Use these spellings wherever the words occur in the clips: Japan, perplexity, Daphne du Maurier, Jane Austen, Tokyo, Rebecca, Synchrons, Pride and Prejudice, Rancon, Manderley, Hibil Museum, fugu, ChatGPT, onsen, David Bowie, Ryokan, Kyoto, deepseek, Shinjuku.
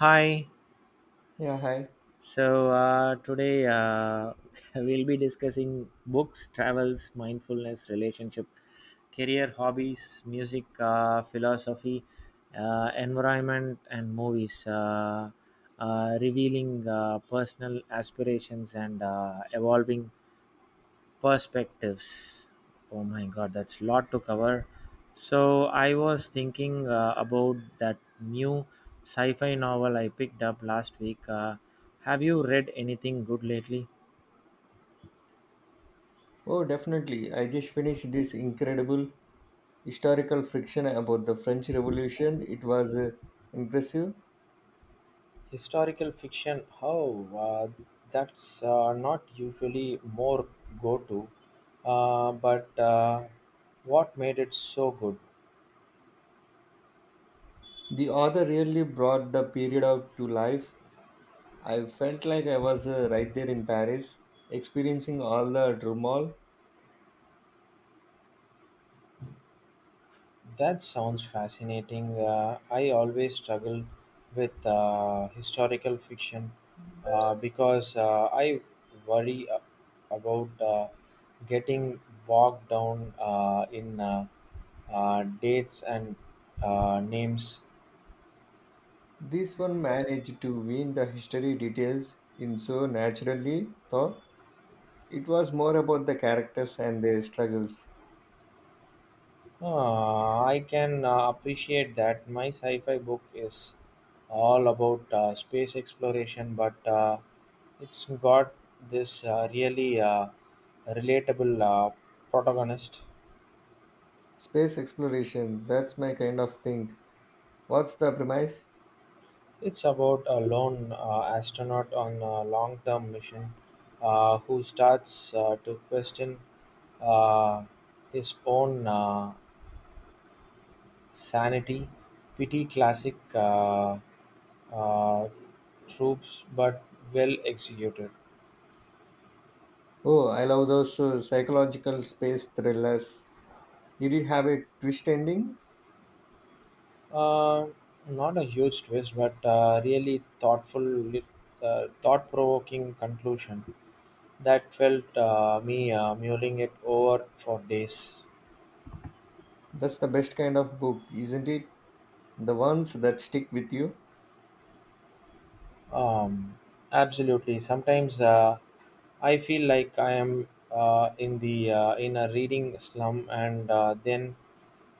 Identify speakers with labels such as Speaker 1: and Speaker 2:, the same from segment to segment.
Speaker 1: Hi.
Speaker 2: Yeah, hi.
Speaker 1: Today we'll be discussing books, travels, mindfulness, relationship, career, hobbies, music, philosophy, environment, and movies, revealing personal aspirations and evolving perspectives. Oh my god, that's a lot to cover. So I was thinking about that new sci-fi novel I picked up last week. Have you read anything good lately?
Speaker 2: Oh, definitely. I just finished this incredible historical fiction about the French Revolution. It was impressive.
Speaker 1: Historical fiction, that's not usually more go to. But What made it so good?
Speaker 2: The author really brought the period up to life. I felt like I was right there in Paris, experiencing all the turmoil.
Speaker 1: That sounds fascinating. I always struggle with historical fiction because I about getting bogged down in dates and names.
Speaker 2: This one managed to weave the history details in so naturally, though it was more about the characters and their struggles.
Speaker 1: I can appreciate that. My sci fi book is all about space exploration, but it's got this really relatable protagonist.
Speaker 2: Space exploration, that's my kind of thing. What's the premise?
Speaker 1: It's about a lone astronaut on a long term mission who starts to question uh, his own. Sanity pity classic uh, tropes but well executed.
Speaker 2: Oh, I love those psychological space thrillers. Did it have a twist ending?
Speaker 1: Uh, Not a huge twist, but really thought-provoking conclusion that felt me mulling it over for days.
Speaker 2: That's the best kind of book, isn't it? The ones that stick with you.
Speaker 1: Um, Absolutely. Sometimes I feel like I am in a reading slum, and then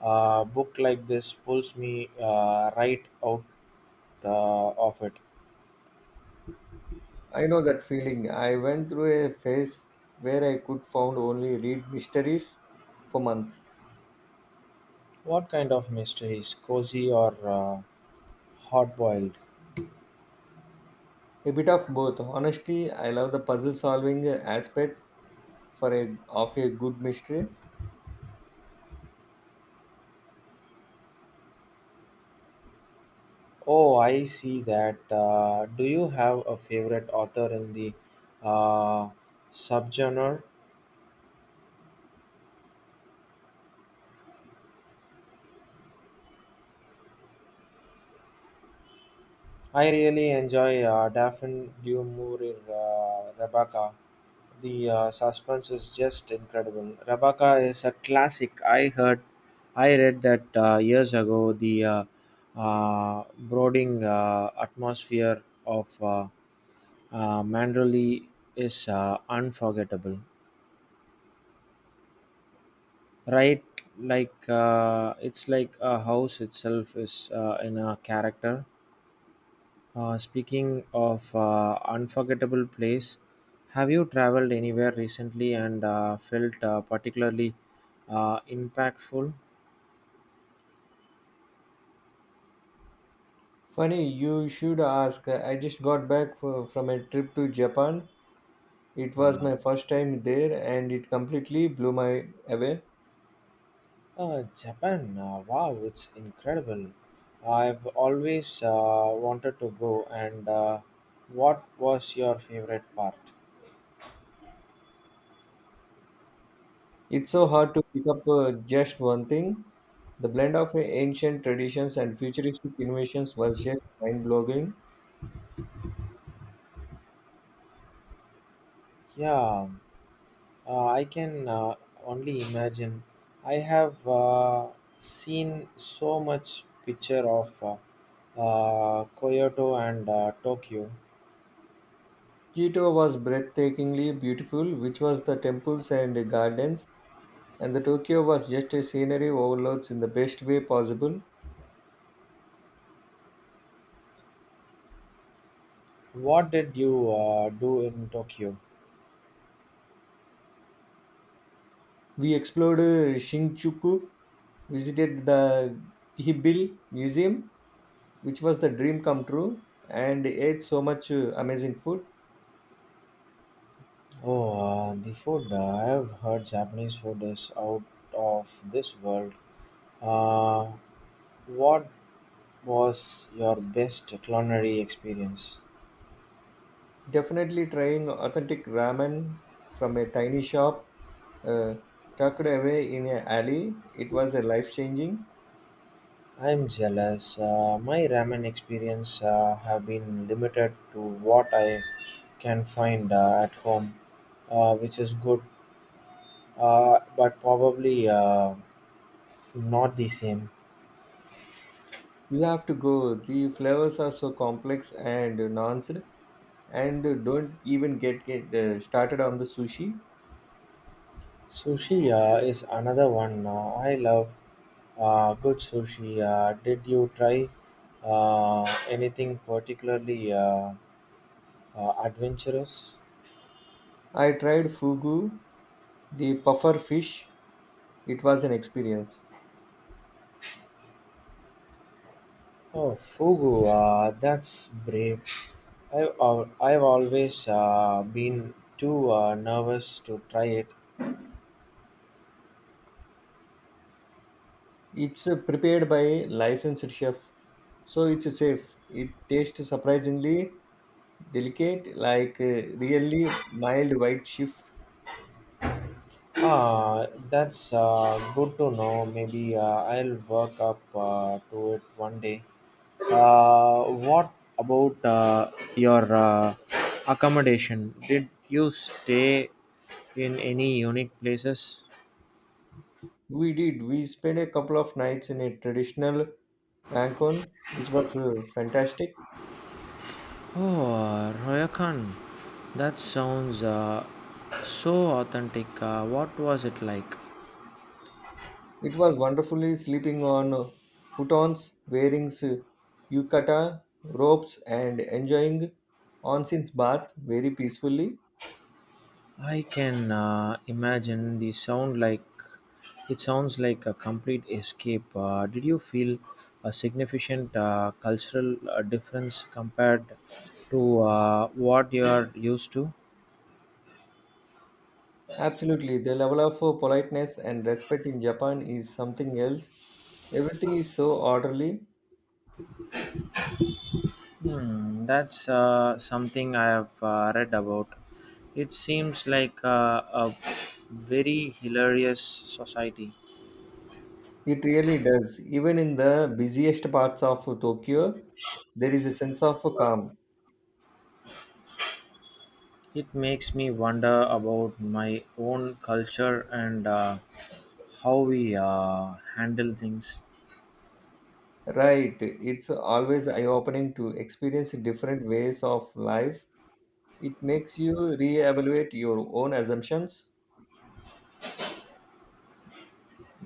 Speaker 1: a book like this pulls me right out of it.
Speaker 2: I know that feeling. I went through a phase where I could found only read mysteries for months.
Speaker 1: What kind of mysteries, cozy or hot boiled?
Speaker 2: A bit of both. Honestly, I love the puzzle solving aspect for a of a good mystery.
Speaker 1: Oh, I see that. Do you have a favorite author in the uh, subgenre? I really enjoy Daphne du Maurier Rebecca. The suspense is just incredible. Rebecca is a classic. I read that years ago. The brooding atmosphere of Manderley is unforgettable. Right, like it's like a house itself is in a character. Speaking of unforgettable place, have you traveled anywhere recently and felt particularly impactful?
Speaker 2: Funny, you should ask. I just got back from a trip to Japan. It was
Speaker 1: Yeah.
Speaker 2: my first time there and it completely blew my away.
Speaker 1: Japan, wow, it's incredible. I've always wanted to go. And what was your favorite part?
Speaker 2: It's so
Speaker 1: It-
Speaker 2: hard to pick up just one thing. The blend of ancient traditions and futuristic innovations was just mind-blowing.
Speaker 1: Yeah, I can only imagine. I have seen so much picture of Kyoto and Tokyo.
Speaker 2: Kyoto was breathtakingly beautiful, which was the temples and the gardens, and the Tokyo was just a scenery overloads in the best way possible.
Speaker 1: What did you do in Tokyo?
Speaker 2: We explored Shinjuku, visited the Hibil Museum, which was the dream come true, and ate so much amazing food.
Speaker 1: Oh, the food. I have heard Japanese food is out of this world. Uh, what was your best culinary experience?
Speaker 2: Definitely trying authentic ramen from a tiny shop, uh, tucked away in an alley. It was a life changing.
Speaker 1: I'm jealous. My ramen experience have been limited to what I can find at home, which is good, but probably not the same.
Speaker 2: You have to go. The flavors are so complex and nuanced, and don't even get started on the sushi.
Speaker 1: Sushi is another one. I love good sushi. Did you try anything particularly adventurous?
Speaker 2: I tried fugu, the puffer fish. It was an experience.
Speaker 1: Oh, fugu, that's brave. I've always been too nervous to try it.
Speaker 2: It's prepared by licensed chef, so it's safe. It tastes surprisingly delicate, like really mild white chef.
Speaker 1: That's good to know. Maybe I'll work up to it one day. What about your accommodation? Did you stay in any unique places?
Speaker 2: We did. We spent a couple of nights in a traditional Rancon, which was fantastic.
Speaker 1: Oh, Royakan. That sounds so authentic. What was it like?
Speaker 2: It was wonderfully sleeping on futons, wearing yukata, ropes, and enjoying onsen's bath very peacefully.
Speaker 1: I can imagine the sound like it sounds like a complete escape. Did you feel a significant cultural difference compared to what you are used to?
Speaker 2: Absolutely, the level of politeness and respect in Japan is something else. Everything is so orderly.
Speaker 1: Hmm, that's something I have read about. It seems like a very hilarious society.
Speaker 2: It really does. Even in the busiest parts of Tokyo, there is a sense of calm.
Speaker 1: It makes me wonder about my own culture and how we handle things.
Speaker 2: Right. It's always eye opening to experience different ways of life. It makes you reevaluate your own assumptions.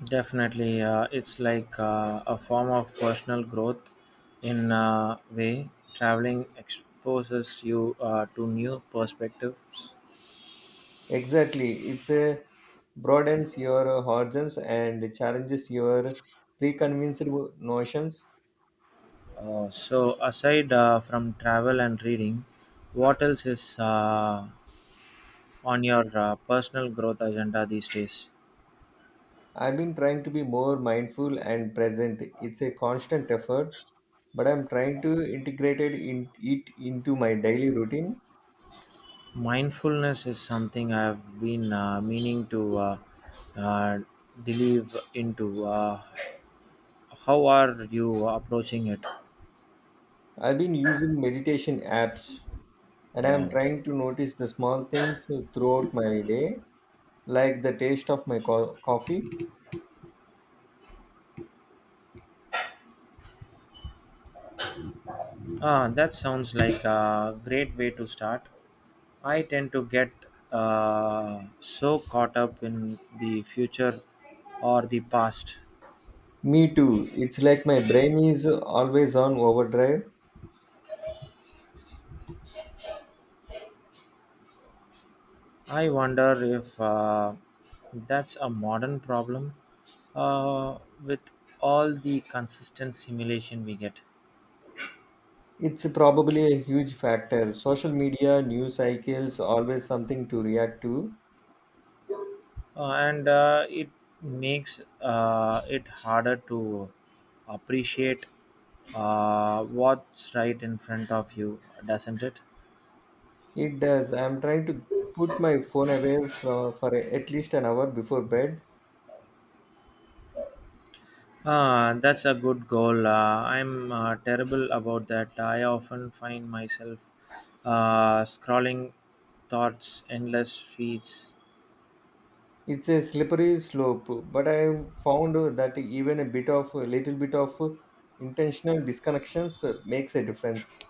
Speaker 1: Definitely, it's like a form of personal growth in a way. Traveling exposes you to new perspectives.
Speaker 2: Exactly. It's a broadens your horizons and challenges your preconceived notions.
Speaker 1: So aside from travel and reading, what else is on your personal growth agenda these days?
Speaker 2: I've been trying to be more mindful and present. It's a constant effort but I'm trying to integrate it into my daily routine.
Speaker 1: Mindfulness is something I've been meaning to uh, delve into. How are you approaching it?
Speaker 2: I've been using meditation apps and I'm
Speaker 1: Wow.
Speaker 2: trying to notice the small things throughout my day, like the taste of my coffee.
Speaker 1: That sounds like a great way to start. I tend to get so caught up in the future or the past.
Speaker 2: Me too. It's like my brain is always on overdrive.
Speaker 1: I wonder if that's a modern problem uh, with all the consistent simulation we get.
Speaker 2: It's probably a huge factor. Social media, news cycles, always something to react to.
Speaker 1: And it makes it harder to appreciate what's right in front of you, doesn't it?
Speaker 2: It does. I'm trying to put my phone away for at least an hour before bed.
Speaker 1: That's a good goal. I'm terrible about that. I often find myself scrolling thoughts, endless feeds.
Speaker 2: It's a slippery slope, but I found that even a little bit of intentional disconnections makes a difference.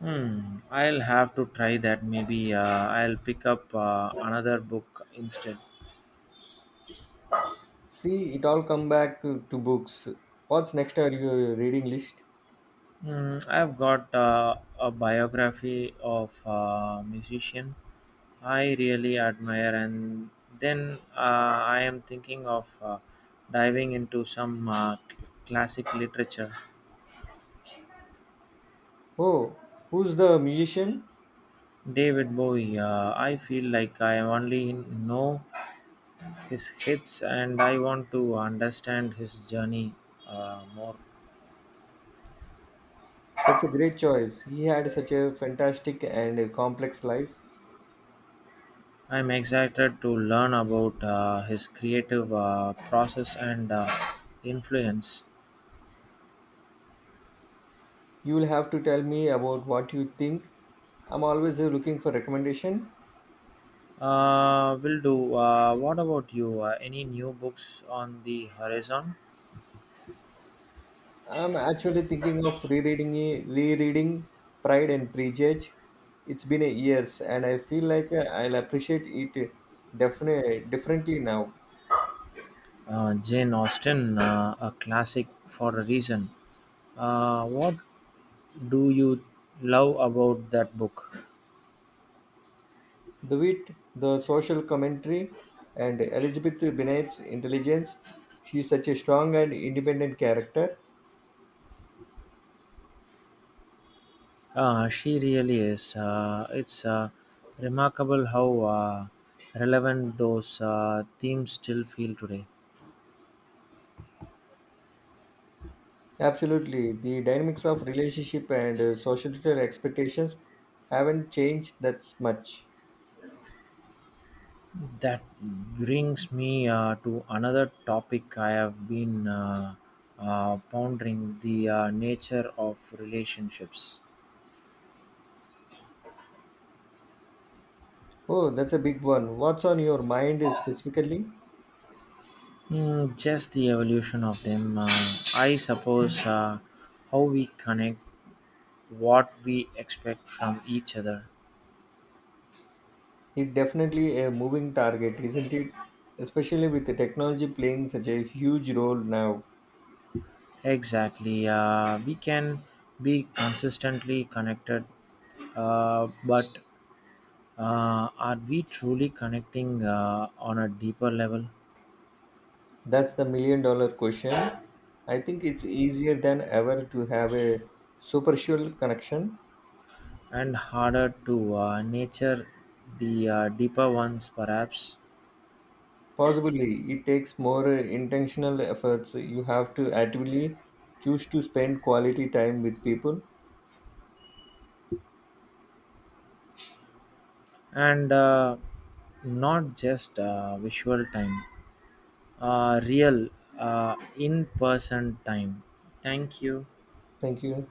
Speaker 1: Hmm, I'll have to try that. Maybe I'll pick up another book instead.
Speaker 2: See, it all come back to books. What's next on your reading list?
Speaker 1: Mm, I've got a biography of a musician I really admire, and then I am thinking of diving into some classic literature.
Speaker 2: Oh, who's the musician?
Speaker 1: David Bowie, I feel like I only know his hits and I want to understand his journey more.
Speaker 2: That's a great choice. He had such a fantastic and complex life.
Speaker 1: I'm excited to learn about his creative process and influence.
Speaker 2: You will have to tell me about what you think. I'm always looking for recommendation.
Speaker 1: Will do. What about you? Any new books on the horizon?
Speaker 2: I'm actually thinking of rereading Pride and Prejudice. It's been a years, and I feel like I'll appreciate it definitely differently now.
Speaker 1: Jane Austen, a classic for a reason. What do you love about that book?
Speaker 2: The wit, the social commentary, and Elizabeth Bennet's intelligence. She's such a strong and independent character.
Speaker 1: She really is. It's remarkable how uh, relevant those themes still feel today.
Speaker 2: Absolutely, the dynamics of relationship and societal expectations haven't changed that much.
Speaker 1: That brings me to another topic I have been pondering the nature of relationships.
Speaker 2: Oh, that's a big one. What's on your mind specifically?
Speaker 1: Mm, just the evolution of them. I suppose how we connect, what we expect from each other,
Speaker 2: It definitely a moving target, isn't it? Especially with the technology playing such a huge role now.
Speaker 1: Exactly. We can be consistently connected, but are we truly connecting on a deeper level
Speaker 2: That's the million dollar question. I think it's easier than ever to have a superficial connection.
Speaker 1: and harder to nature, the deeper ones perhaps,
Speaker 2: Possibly, it takes more intentional efforts. You have to actively choose to spend quality time with people.
Speaker 1: and not just visual time, real in person time? Thank you.
Speaker 2: Thank you.